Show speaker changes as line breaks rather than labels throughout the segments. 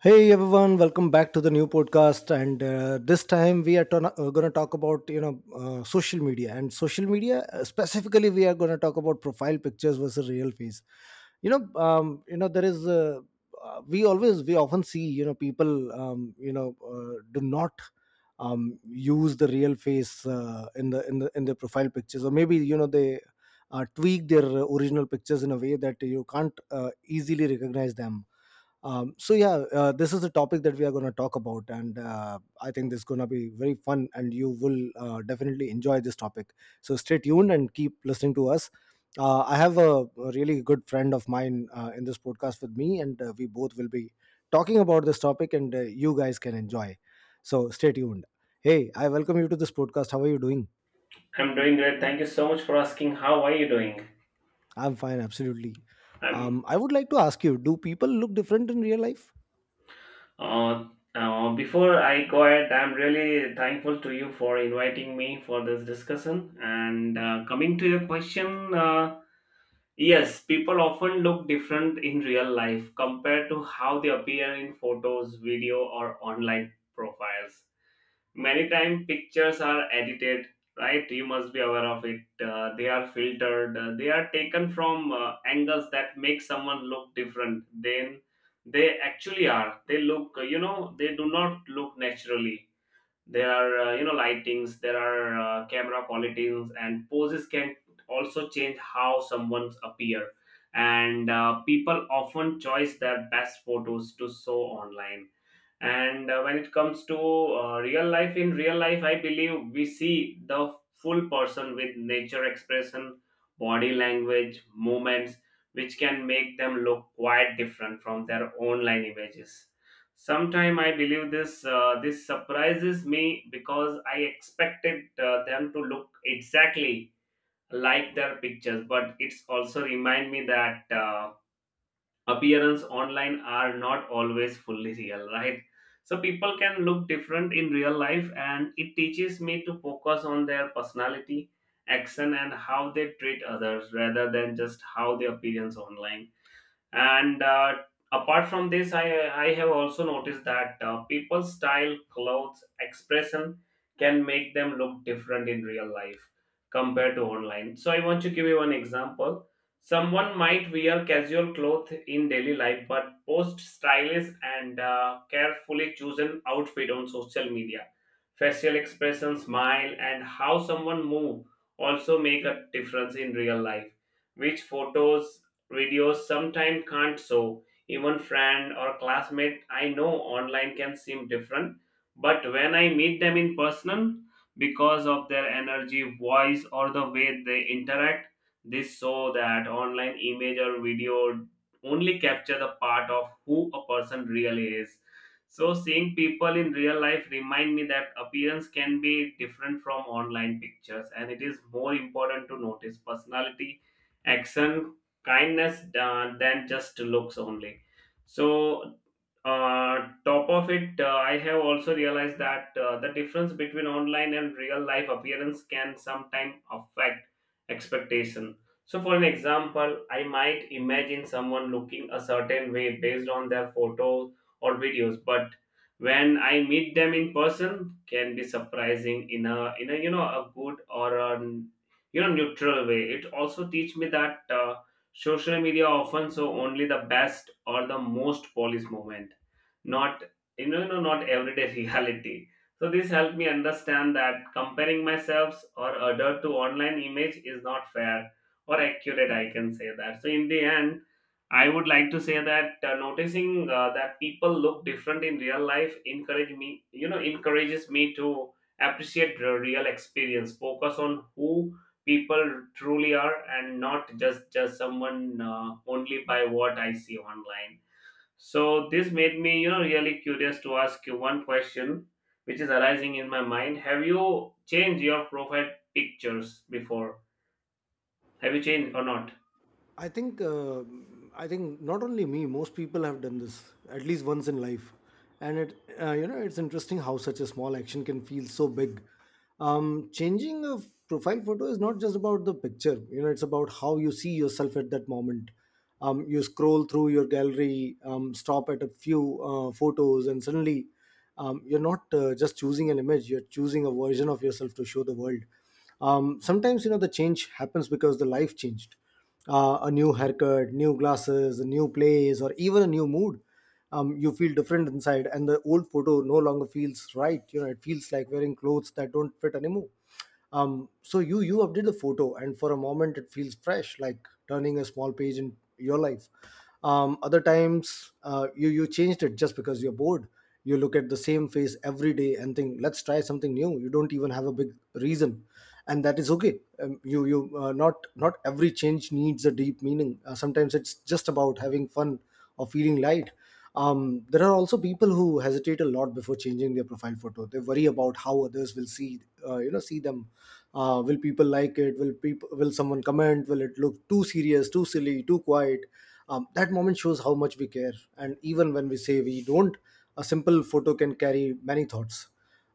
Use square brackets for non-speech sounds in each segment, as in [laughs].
Hey everyone, welcome back to the new podcast. And this time we are going to talk about social media and social media specifically. We are going to talk about profile pictures versus real face. There is We often see people do not use the real face in the in the in their profile pictures, or maybe they tweak their original pictures in a way that you can't easily recognize them. So yeah, this is the topic that we are going to talk about, and I think this is going to be very fun, and you will definitely enjoy this topic. So stay tuned and keep listening to us. I have a really good friend of mine in this podcast with me, and we both will be talking about this topic, and you guys can enjoy. So stay tuned. Hey, I welcome you to this podcast. How are you doing?
I'm doing great. Thank you so much for asking. How are you doing?
I'm fine, absolutely.
I'm
I would like to ask you: do people look different in real life?
uh, before I go ahead, I'm really thankful to you for inviting me for this discussion. And coming to your question, yes, people often look different in real life compared to how they appear in photos, video, or online profiles. Many time pictures are edited, right? You must be aware of it. They are filtered, they are taken from angles that make someone look different than they actually are. They look they do not look naturally. There are lightings, there are camera qualities, and poses can also change how someone's appear. And people often choose their best photos to show online. And when it comes to real life, in real life I believe we see the full person with nature expression, body language, movements, which can make them look quite different from their online images. Sometime I believe this surprises me because I expected them to look exactly like their pictures, but it's also remind me that appearance online are not always fully real, right? So people can look different in real life, and it teaches me to focus on their personality, action, and how they treat others rather than just how they appearance online. And apart from this, I have also noticed that people's style, clothes, expression can make them look different in real life compared to online. So I want to give you one example. Someone might wear casual clothes in daily life, but post stylish and carefully chosen outfit on social media. Facial expression, smile, and how someone move also make a difference in real life, which photos, videos sometimes can't show. Even friend or classmate I know online can seem different, but when I meet them in person, because of their energy, voice, or the way they interact, this show that online image or video only capture the part of who a person really is. So seeing people in real life remind me that appearance can be different from online pictures, and it is more important to notice personality, action, kindness than just looks only. So top of it, I have also realized that the difference between online and real life appearance can sometimes affect expectation. So for an example, I might imagine someone looking a certain way based on their photos or videos, but when I meet them in person can be surprising in a good or a neutral way. It also teach me that social media often show only the best or the most polished moment, not not everyday [laughs] reality. So this helped me understand that comparing myself or other to online image is not fair or accurate, I can say that. So in the end, I would like to say that noticing that people look different in real life encourages me to appreciate the real experience, focus on who people truly are, and not just someone only by what I see online. So this made me, you know, really curious to ask you one question which is arising in my mind: have you changed your profile pictures before? Have you changed or not?
I think uh, I think not only me, most people have done this at least once in life, and it you know it's interesting how such a small action can feel so big. Changing a profile photo is not just about the picture. It's about how you see yourself at that moment. You scroll through your gallery, stop at a few photos, and suddenly you're not just choosing an image. You're choosing a version of yourself to show the world. Sometimes the change happens because the life changed. A new haircut, new glasses, a new place, or even a new mood. You feel different inside, and the old photo no longer feels right. It feels like wearing clothes that don't fit anymore. So you update the photo, and for a moment it feels fresh, like turning a small page in your life. Other times, you changed it just because you're bored. You look at the same face every day and think, let's try something new. You don't even have a big reason, and that is okay. Um, you you uh, not not every change needs a deep meaning. Sometimes it's just about having fun or feeling light. There are also people who hesitate a lot before changing their profile photo. They worry about how others will see you know see them. Will people like it? Will someone comment? Will it look too serious, too silly, too quiet? That moment shows how much we care, and even when we say we don't, a simple photo can carry many thoughts.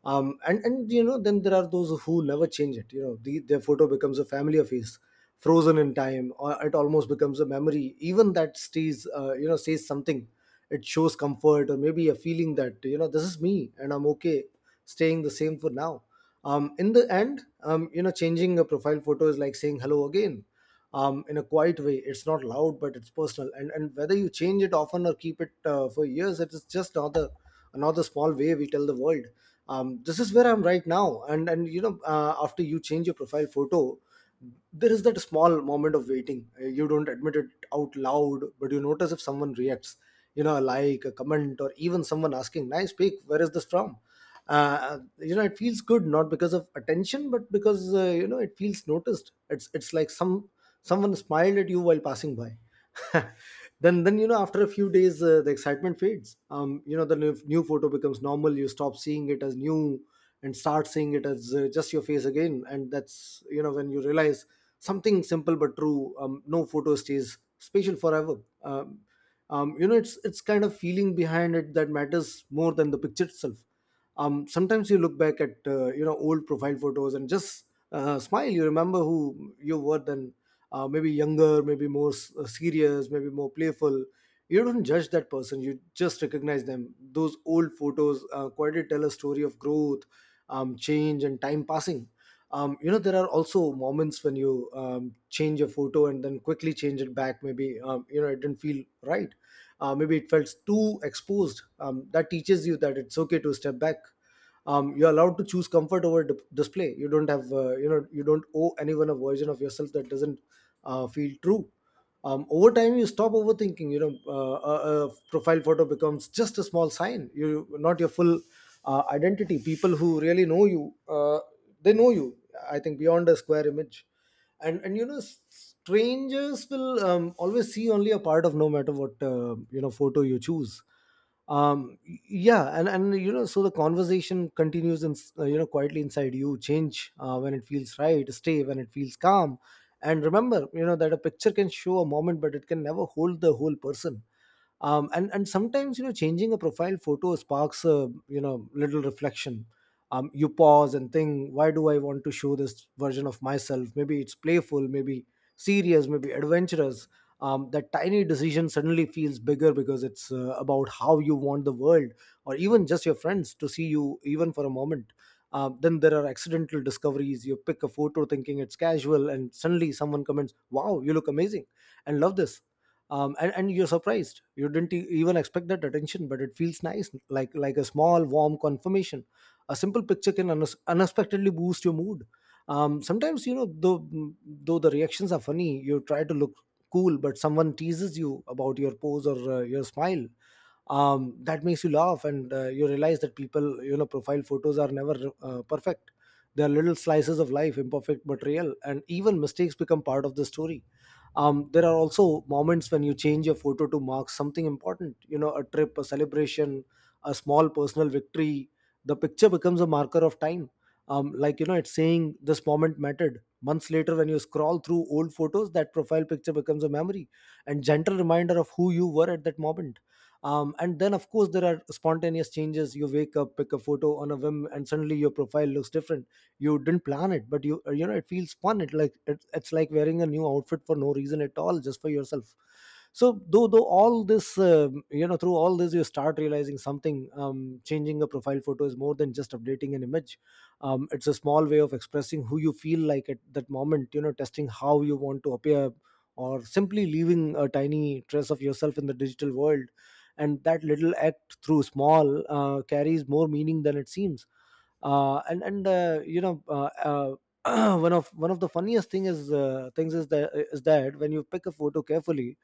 And then there are those who never change it. Their photo becomes a family face, frozen in time, or it almost becomes a memory. Even that stays, you know, says something. It shows comfort, or maybe a feeling that this is me, and I'm okay staying the same for now. In the end, changing a profile photo is like saying hello again, in a quiet way. It's not loud, but it's personal. And whether you change it often or keep it for years, it is just another small way we tell the world. This is where I'm right now. And after you change your profile photo, there is that small moment of waiting. You don't admit it out loud, but you notice if someone reacts. A like, a comment, or even someone asking, "Nice pic. Where is this from?" It feels good, not because of attention, but because it feels noticed. It's like someone smiled at you while passing by. [laughs] Then, after a few days, the excitement fades. The new photo becomes normal. You stop seeing it as new and start seeing it as just your face again. And that's when you realize something simple but true. No photo stays special forever. Um, um, you know it's it's kind of feeling behind it that matters more than the picture itself. Sometimes you look back at old profile photos and just smile. You remember who you were then, maybe younger, maybe more serious, maybe more playful. You don't judge that person, you just recognize them. Those old photos quietly tell a story of growth, change, and time passing. There are also moments when you change a photo and then quickly change it back. Maybe it didn't feel right. Maybe it felt too exposed. That teaches you that it's okay to step back. You're allowed to choose comfort over display. You don't have you know You don't owe anyone a version of yourself that doesn't feel true. Over time you stop overthinking. A profile photo becomes just a small sign, you not your full identity. People who really know you, they know you, I think, beyond a square image. And strangers will always see only a part of, no matter what photo you choose. um yeah, and so the conversation continues in you know quietly inside. You change when it feels right, stay when it feels calm, and remember, that a picture can show a moment, but it can never hold the whole person. And sometimes changing a profile photo sparks a little reflection. You pause and think, why do I want to show this version of myself? Maybe it's playful, maybe serious, maybe adventurous. That tiny decision suddenly feels bigger because it's about how you want the world, or even just your friends, to see you, even for a moment. Then there are accidental discoveries. You pick a photo thinking it's casual, and suddenly someone comments, wow, you look amazing, and love this. And you're surprised. You didn't even expect that attention, but it feels nice, like a small warm confirmation. A simple picture can unexpectedly boost your mood. Sometimes, though the reactions are funny, you try to look cool, but someone teases you about your pose or your smile. That makes you laugh, and you realize that people you know profile photos are never perfect. They are little slices of life, imperfect but real, and even mistakes become part of the story. There are also moments when you change your photo to mark something important, a trip, a celebration, a small personal victory. The picture becomes a marker of time, like it's saying this moment mattered. Months later, when you scroll through old photos, that profile picture becomes a memory and gentle reminder of who you were at that moment. And then, of course, there are spontaneous changes. You wake up, pick a photo on a whim, and suddenly your profile looks different. You didn't plan it, but it feels fun. It's like wearing a new outfit for no reason at all, just for yourself. So though though all this um, you know through all this, you start realizing something. Changing a profile photo is more than just updating an image. It's a small way of expressing who you feel like at that moment, testing how you want to appear, or simply leaving a tiny trace of yourself in the digital world. And that little act, through small carries more meaning than it seems. And [clears throat] one of the funniest things is that when you pick a photo carefully,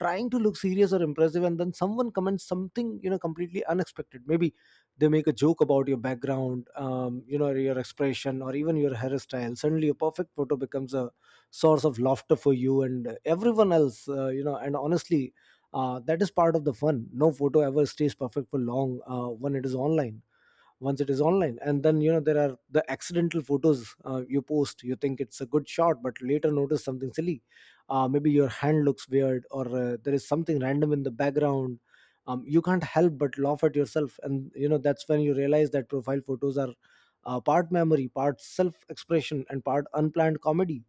trying to look serious or impressive, and then someone comments something completely unexpected. Maybe they make a joke about your background, your expression, or even your hairstyle. Suddenly a perfect photo becomes a source of laughter for you and everyone else. And honestly, that is part of the fun. No photo ever stays perfect for long when it is online, once it is online. And then there are the accidental photos you post. You think it's a good shot, but later notice something silly. Maybe your hand looks weird, or There is something random in the background. You can't help but laugh at yourself, and you know that's when you realize that profile photos are part memory, part self expression, and part unplanned comedy.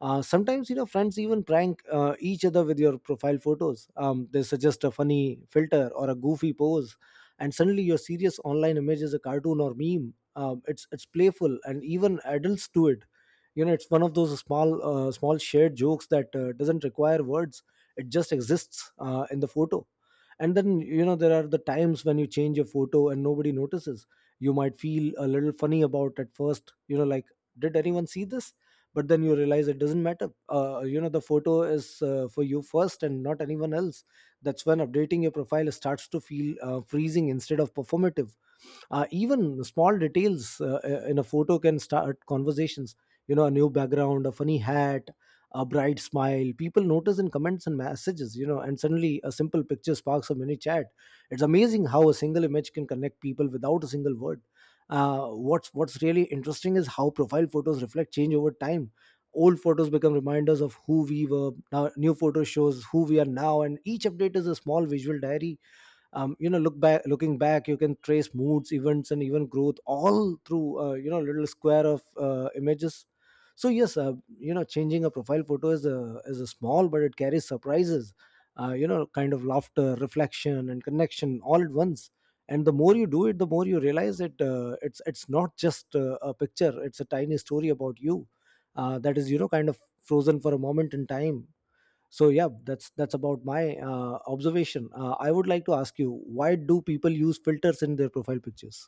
Sometimes you know friends even prank each other with your profile photos. They suggest a funny filter or a goofy pose, and suddenly your serious online image is a cartoon or meme. It's playful, and even adults do it. You know, it's one of those small, small shared jokes that doesn't require words. It just exists in the photo. And then you know there are the times when you change your photo and nobody notices. You might feel a little funny about at first, you know, like, did anyone see this? But then you realize it doesn't matter. You know the photo is for you first and not anyone else. That's when updating your profile starts to feel freezing instead of performative. Even small details in a photo can start conversations. You know, a new background, a funny hat, a bright smile, people notice in comments and messages. You know, and suddenly a simple picture sparks a mini chat. It's amazing how a single image can connect people without a single word. What's really interesting is how profile photos reflect change over time. Old photos become reminders of who we were now, new photo shows who we are now, and each update is a small visual diary. Looking back, you can trace moods, events, and even growth all through you know little square of images. So yes, you know, changing a profile photo is a small but it carries surprises, you know, kind of laughter, reflection, and connection all at once. And the more you do it, the more you realize it's not just a picture, it's a tiny story about you that is, you know, kind of frozen for a moment in time. So yeah, that's about my observation. I would like to ask you, why do people use filters in their profile pictures?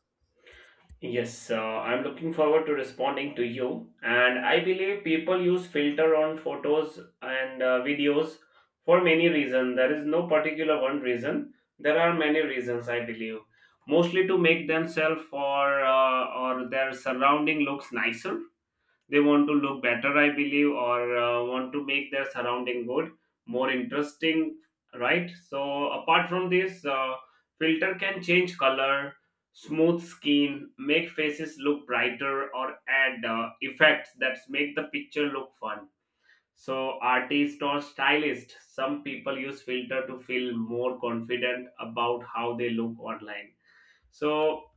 Yes, I'm looking forward to responding to you. And I believe people use filter on photos and videos for many reasons. There is no particular one reason. There are many reasons, I believe. Mostly to make themselves or their surrounding looks nicer, they want to look better, I believe, or want to make their surrounding good, more interesting, right? So apart from this, filter can change color, smooth skin, make faces look brighter, or add effects that make the picture look fun. So, artist or stylist, some people use filter to feel more confident about how they look online. So,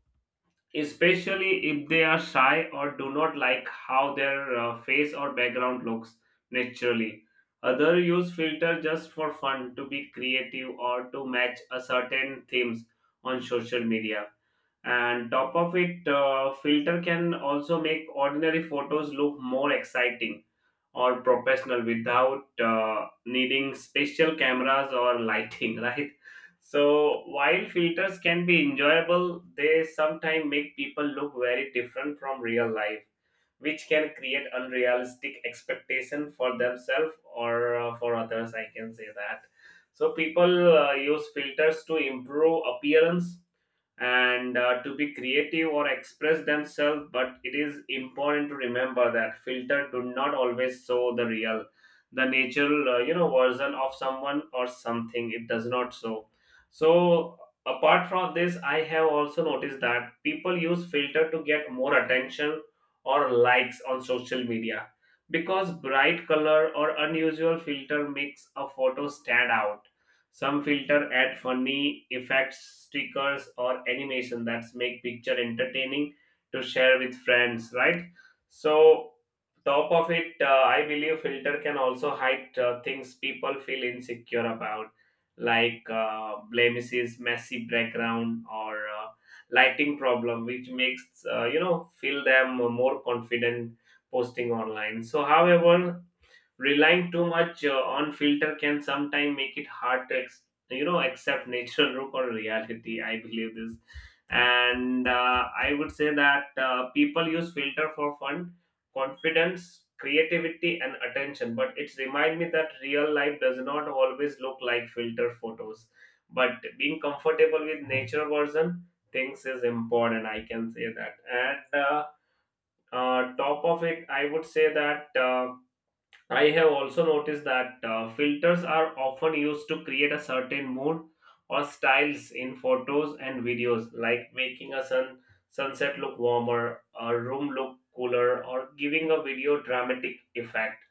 especially if they are shy or do not like how their face or background looks naturally. Other use filter just for fun to be creative or to match a certain themes on social media. And top of it, filter can also make ordinary photos look more exciting or professional without needing special cameras or lighting, [laughs] right? So while filters can be enjoyable, they sometimes make people look very different from real life, which can create unrealistic expectation for themselves or for others, I can say that. So people use filters to improve appearance and to be creative or express themselves, but it is important to remember that filter do not always show the real, the natural version of someone or something. It does not show. So apart from this, I have also noticed that people use filter to get more attention or likes on social media, because bright color or unusual filter makes a photo stand out. Some filter add funny effects, stickers, or animation that make picture entertaining to share with friends, right? So, top of it, I believe filter can also hide things people feel insecure about, like blemishes, messy background, or lighting problem, which makes feel them more confident posting online. So, however, relying too much on filter can sometimes make it hard to accept [laughs] natural look or reality. I believe this, and I would say that people use filter for fun, confidence, creativity, and attention. But it's remind me that real life does not always look like filter photos. But being comfortable with nature version things is important, I can say that. And top of it, I would say that. I have also noticed that filters are often used to create a certain mood or styles in photos and videos, like making a sunset look warmer, a room look cooler, or giving a video dramatic effect.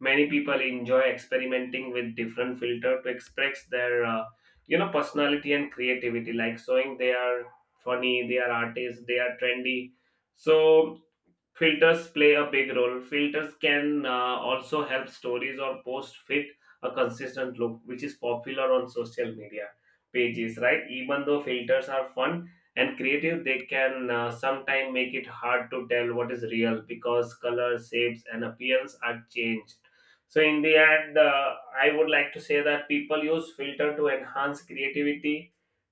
Many people enjoy experimenting with different filter to express their, personality and creativity, like showing they are funny, they are artists, they are trendy. So filters play a big role. Filters can also help stories or posts fit a consistent look, which is popular on social media pages, right? Even though filters are fun and creative, they can sometimes make it hard to tell what is real, because color, shapes, and appearance are changed. So in the end, I would like to say that people use filter to enhance creativity,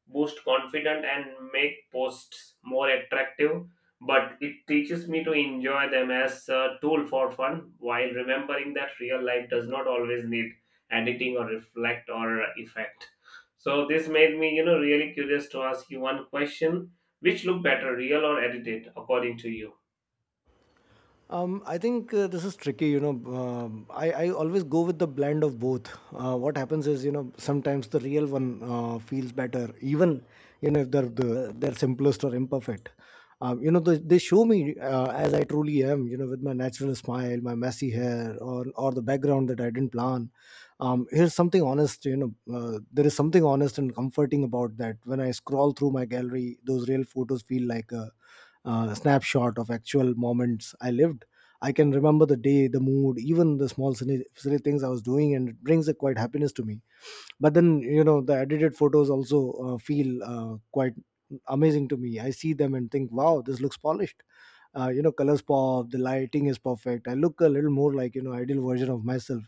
boost confidence, and make posts more attractive, but it teaches me to enjoy them as a tool for fun while remembering that real life does not always need editing or reflect or effect. So this made me, you know, really curious to ask you one question. Which look better, real or edited, according to you?
I think this is tricky. You know, I always go with the blend of both. What happens is, you know, sometimes the real one feels better, even you know if they're simplest or imperfect. You know, they show me as I truly am. You know, with my natural smile, my messy hair, or the background that I didn't plan. Here's something honest. You know, there is something honest and comforting about that. When I scroll through my gallery, those real photos feel like a snapshot of actual moments I lived. I can remember the day, the mood, even the small silly things I was doing, and it brings a quite happiness to me. But then, you know, the edited photos also feel quite amazing to me. I see them and think, wow, this looks polished. You know, colors pop, the lighting is perfect. I look a little more like, you know, ideal version of myself.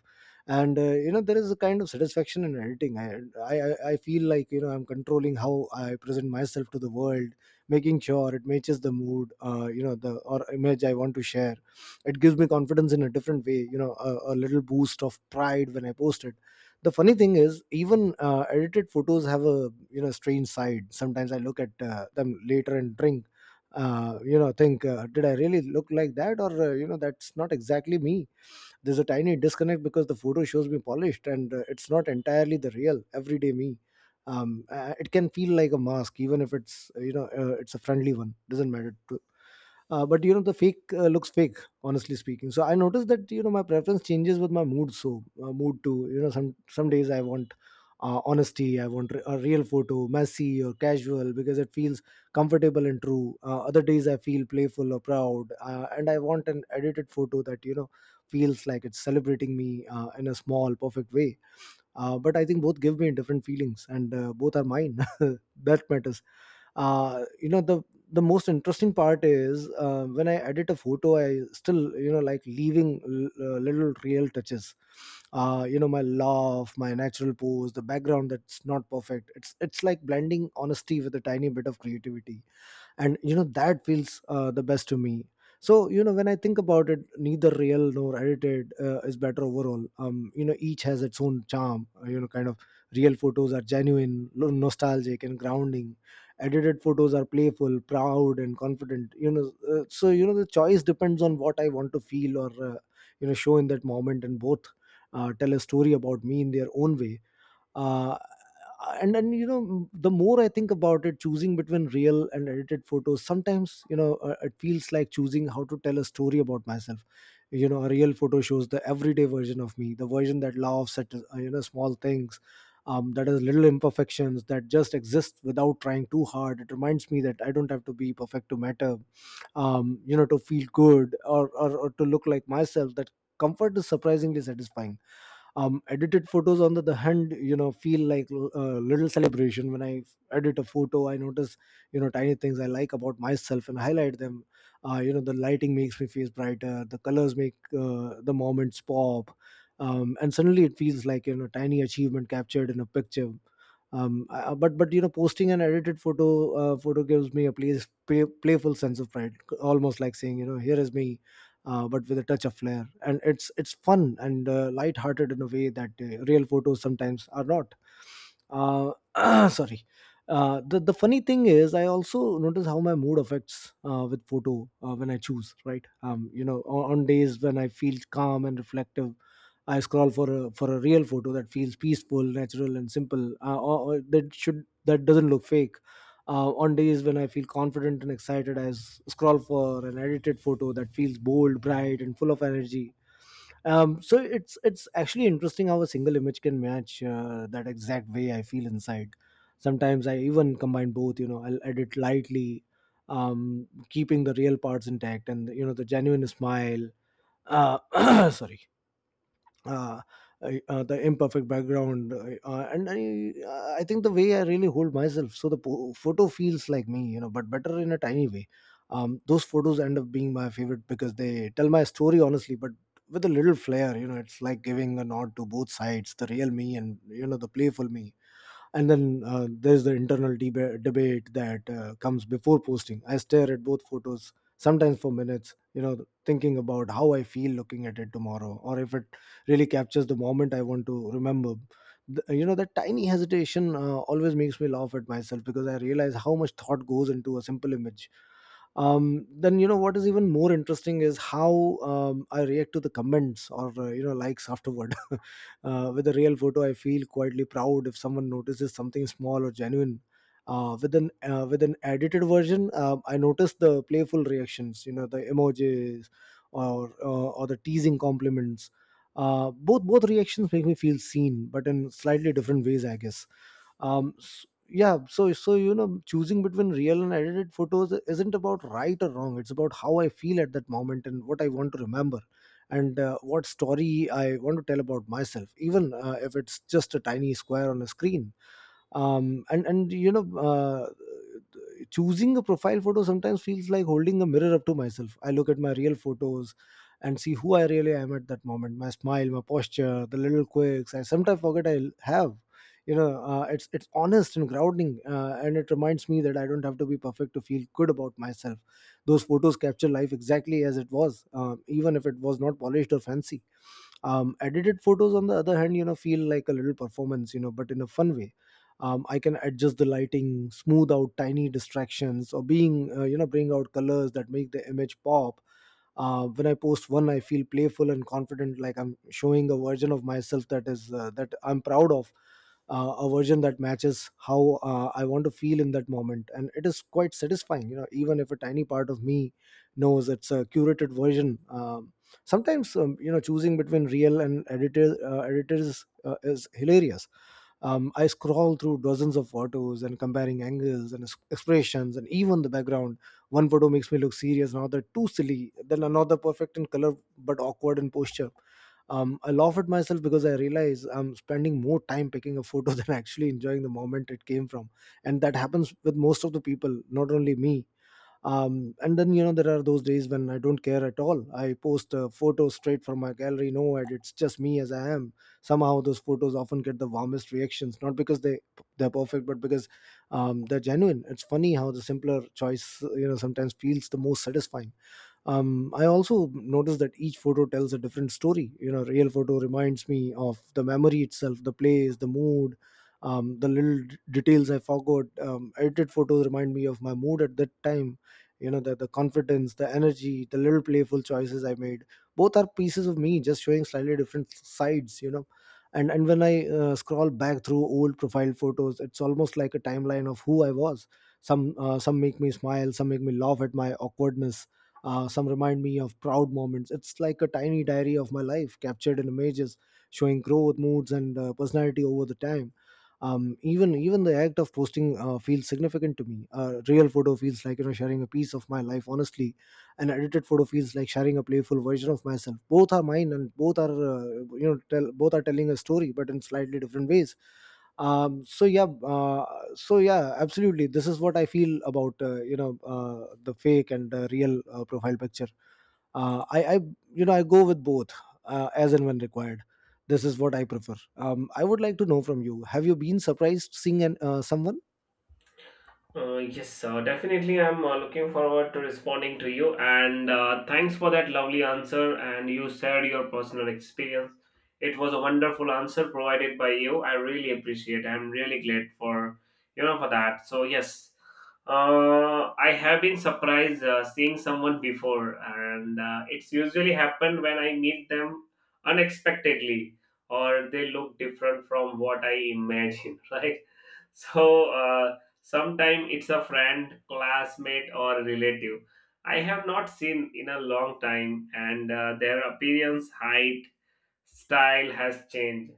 And, you know, there is a kind of satisfaction in editing. I feel like, you know, I'm controlling how I present myself to the world, making sure it matches the mood, you know, the or image I want to share. It gives me confidence in a different way, you know, a little boost of pride when I post it. The funny thing is, even edited photos have a, you know, strange side. Sometimes I look at them later and drink, you know, think, did I really look like that? Or, you know, that's not exactly me. There's a tiny disconnect because the photo shows me polished, and it's not entirely the real everyday me. It can feel like a mask, even if it's, you know, it's a friendly one. Doesn't matter to but you know the fake looks fake, honestly speaking. So I noticed that, you know, my preference changes with my mood. So mood too, you know, some days I want honesty. I want a real photo, messy or casual, because it feels comfortable and true. Other days I feel playful or proud, and I want an edited photo that, you know, feels like it's celebrating me in a small perfect way. But I think both give me different feelings, and both are mine. [laughs] That matters. You know, the most interesting part is, when I edit a photo, I still, you know, like leaving little real touches, you know, my laugh, my natural pose, the background that's not perfect. It's like blending honesty with a tiny bit of creativity, and you know that feels the best to me. So you know, when I think about it, neither real nor edited is better overall. Um, you know, each has its own charm, you know, kind of. Real photos are genuine, nostalgic, and grounding. Edited photos are playful, proud, and confident, you know. So you know, the choice depends on what I want to feel or, you know, show in that moment, and both tell a story about me in their own way. uh, and then you know, the more I think about it, choosing between real and edited photos sometimes, you know, it feels like choosing how to tell a story about myself. You know, a real photo shows the everyday version of me, the version that laughs at, you know, small things, that has little imperfections, that just exist without trying too hard. It reminds me that I don't have to be perfect to matter, you know, to feel good, or to look like myself. That comfort is surprisingly satisfying. Edited photos on the other hand, you know, feel like a little celebration. When I edit a photo, I notice, you know, tiny things I like about myself and highlight them. You know, the lighting makes me feel brighter, the colors make the moments pop. And suddenly it feels like, you know, tiny achievement captured in a picture. But you know, posting an edited photo gives me a playful sense of pride, almost like saying, you know, here is me, but with a touch of flair. And it's fun and light-hearted in a way that real photos sometimes are not. [clears throat] Sorry. The funny thing is, I also notice how my mood affects with photo when I choose, right? You know, on days when I feel calm and reflective, I scroll for a real photo that feels peaceful, natural, and simple, or that doesn't look fake. On days when I feel confident and excited, I scroll for an edited photo that feels bold, bright, and full of energy. So it's actually interesting how a single image can match, that exact way I feel inside. Sometimes I even combine both. You know, I'll edit lightly, keeping the real parts intact, and you know the genuine smile. Uh, [clears throat] Sorry. uh, the imperfect background, and I think the way I really hold myself, so the photo feels like me, you know, but better in a tiny way. Those photos end up being my favorite because they tell my story honestly, but with a little flair. You know, it's like giving a nod to both sides, the real me and, you know, the playful me. And then there's the internal debate that comes before posting. I stare at both photos sometimes for minutes, you know, thinking about how I feel looking at it tomorrow, or if it really captures the moment I want to remember. You know, that tiny hesitation always makes me laugh at myself, because I realize how much thought goes into a simple image. Then you know what is even more interesting is how, I react to the comments or, you know, likes afterward. [laughs] With a real photo, I feel quietly proud if someone notices something small or genuine. With an edited version, I notice the playful reactions, you know, the emojis or the teasing compliments. Both reactions make me feel seen, but in slightly different ways, I guess. Yeah, so choosing between real and edited photos isn't about right or wrong. It's about how I feel at that moment and what I want to remember, and what story I want to tell about myself, even if it's just a tiny square on a screen. And choosing a profile photo sometimes feels like holding a mirror up to myself. I look at my real photos and see who I really am at that moment: my smile, my posture, the little quirks I sometimes forget I have. It's honest and grounding, and it reminds me that I don't have to be perfect to feel good about myself. Those photos capture life exactly as it was, even if it was not polished or fancy. Edited photos, on the other hand, feel like a little performance, but in a fun way. I can adjust the lighting, smooth out tiny distractions, or being you know bring out colors that make the image pop. When I post one, I feel playful and confident, like I'm showing a version of myself that I'm proud of. A version that matches how I want to feel in that moment, and it is quite satisfying. Even if a tiny part of me knows it's a curated version. Sometimes, choosing between real and editors is hilarious. I scroll through dozens of photos and comparing angles and expressions and even the background. One photo makes me look serious, another too silly, then another perfect in color but awkward in posture. I laugh at myself because I realize I'm spending more time picking a photo [laughs] than actually enjoying the moment it came from. And that happens with most of the people, not only me. And then, there are those days when I don't care at all. I post a photo straight from my gallery, no edit, it's just me as I am. Somehow, those photos often get the warmest reactions, not because they're perfect, but because they're genuine. It's funny how the simpler choice sometimes feels the most satisfying. I also noticed that each photo tells a different story. Real photo reminds me of the memory itself: the place, the mood, the little details I forgot. Edited photos remind me of my mood at that time, the confidence, the energy, the little playful choices I made. Both are pieces of me, just showing slightly different sides. And when I scroll back through old profile photos, it's almost like a timeline of who I was. Some make me smile, some make me laugh at my awkwardness. Some remind me of proud moments. It's like a tiny diary of my life captured in images, showing growth, moods, and personality over the time. Even the act of posting feels significant to me. A real photo feels like sharing a piece of my life honestly. An edited photo feels like sharing a playful version of myself. Both are mine, and both are telling a story, but in slightly different ways. um so yeah uh, so, yeah, absolutely, this is what I feel about the fake and real profile picture. I you know I go with both, as and when required. This is what I prefer. I would like to know from you: have you been surprised seeing someone?
Yes, definitely, I'm looking forward to responding to you. And thanks for that lovely answer, and you shared your personal experience. It was a wonderful answer provided by you. I really appreciate. I'm really glad for for that. So yes, I have been surprised seeing someone before, and it's usually happened when I meet them unexpectedly or they look different from what I imagine. [laughs] Right. So. Uh, Sometimes it's a friend, classmate, or relative I have not seen in a long time, and their appearance, height, style has changed,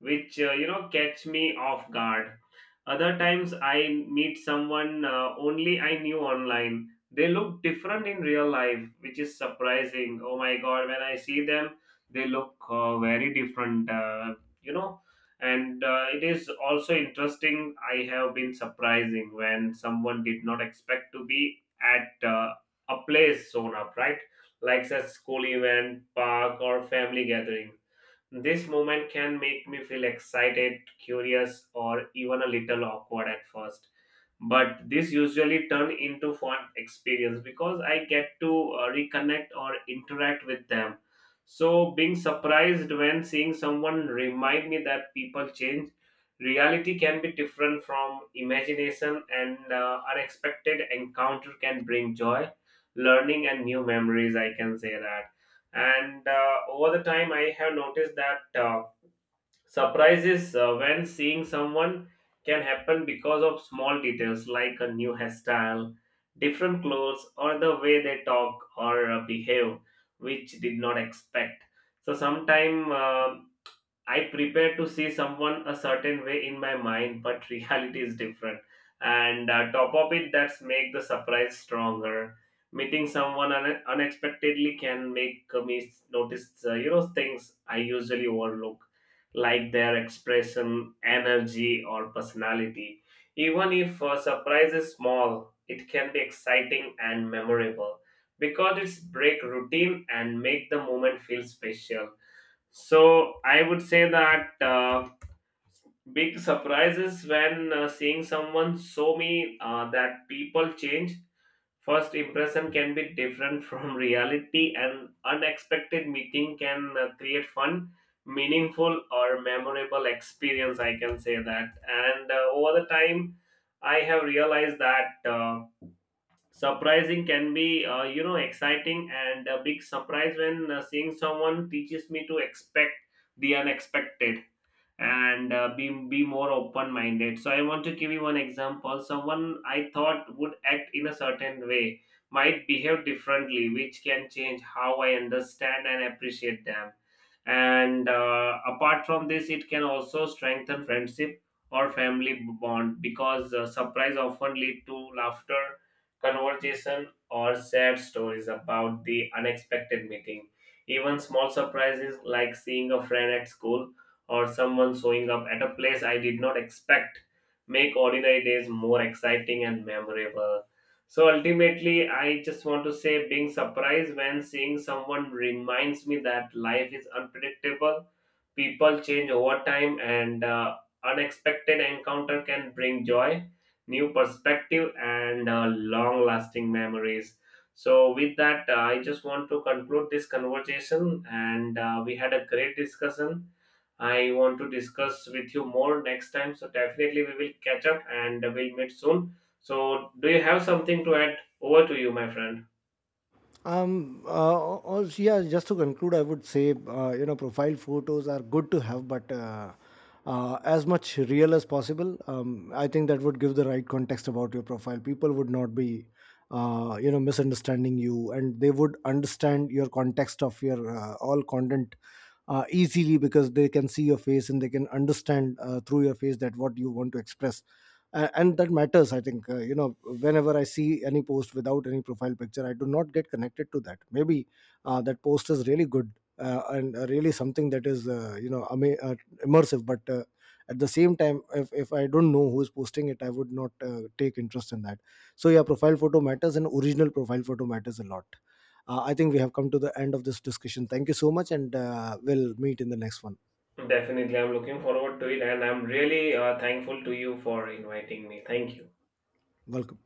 which catch me off guard. Other times I meet someone only I knew online, they look different in real life, which is surprising. Oh my god, when I see them, they look very different. You know and it is also interesting, I have been surprising when someone did not expect to be at a place sewn up, right? Like a school event, park, or family gathering. This moment can make me feel excited, curious, or even a little awkward at first, but this usually turn into fun experience because I get to reconnect or interact with them. So being surprised when seeing someone remind me that people change, reality can be different from imagination, and unexpected encounter can bring joy, learning, and new memories, I can say that. And over the time I have noticed that surprises when seeing someone can happen because of small details like a new hairstyle, different clothes, or the way they talk or behave, which did not expect. So sometimes I prepare to see someone a certain way in my mind, but [laughs] reality is different. And top of it, that's make the surprise stronger. Meeting someone unexpectedly can make me notice, things I usually overlook, like their expression, energy, or personality. Even if a surprise is small, it can be exciting and memorable because it's break routine and make the moment feel special. So I would say that big surprise is when seeing someone so me that people change. First impression can be different [laughs] from reality, and unexpected meeting can create fun, meaningful, or memorable experience, I can say that. And over the time I have realized that surprising can be exciting, and a big surprise when seeing someone teaches me to expect the unexpected and be more open minded. So I want to give you one example. Someone I thought would act in a certain way might behave differently, which can change how I understand and appreciate them. And apart from this, it can also strengthen friendship or family bond, because surprise often lead to laughter, conversation, or sad stories about the unexpected meeting. Even small surprises like seeing a friend at school or someone showing up at a place I did not expect make ordinary days more exciting and memorable. So ultimately, I just want to say being surprised when seeing someone reminds me that life is unpredictable, people change over time, and unexpected encounter can bring joy, new perspective, and long lasting memories. So with that, I just want to conclude this conversation, and we had a great discussion. I want to discuss with you more next time. So definitely we will catch up and we'll meet soon. So do you have something to add? Over to you, my friend.
Yeah, just to conclude, I would say, profile photos are good to have, but as much real as possible. I think that would give the right context about your profile. People would not be, misunderstanding you, and they would understand your context of your all content easily, because they can see your face and they can understand, through your face, that what you want to express. And that matters. I think whenever I see any post without any profile picture, I do not get connected to that. Maybe that post is really good, and really something that is immersive, but at the same time, if I don't know who is posting it, I would not take interest in that. So, yeah, profile photo matters, and original profile photo matters a lot. I think we have come to the end of this discussion. Thank you so much, and we'll meet in the next one.
Definitely, I'm looking forward to it, and I'm really thankful to you for inviting me. Thank you.
Welcome.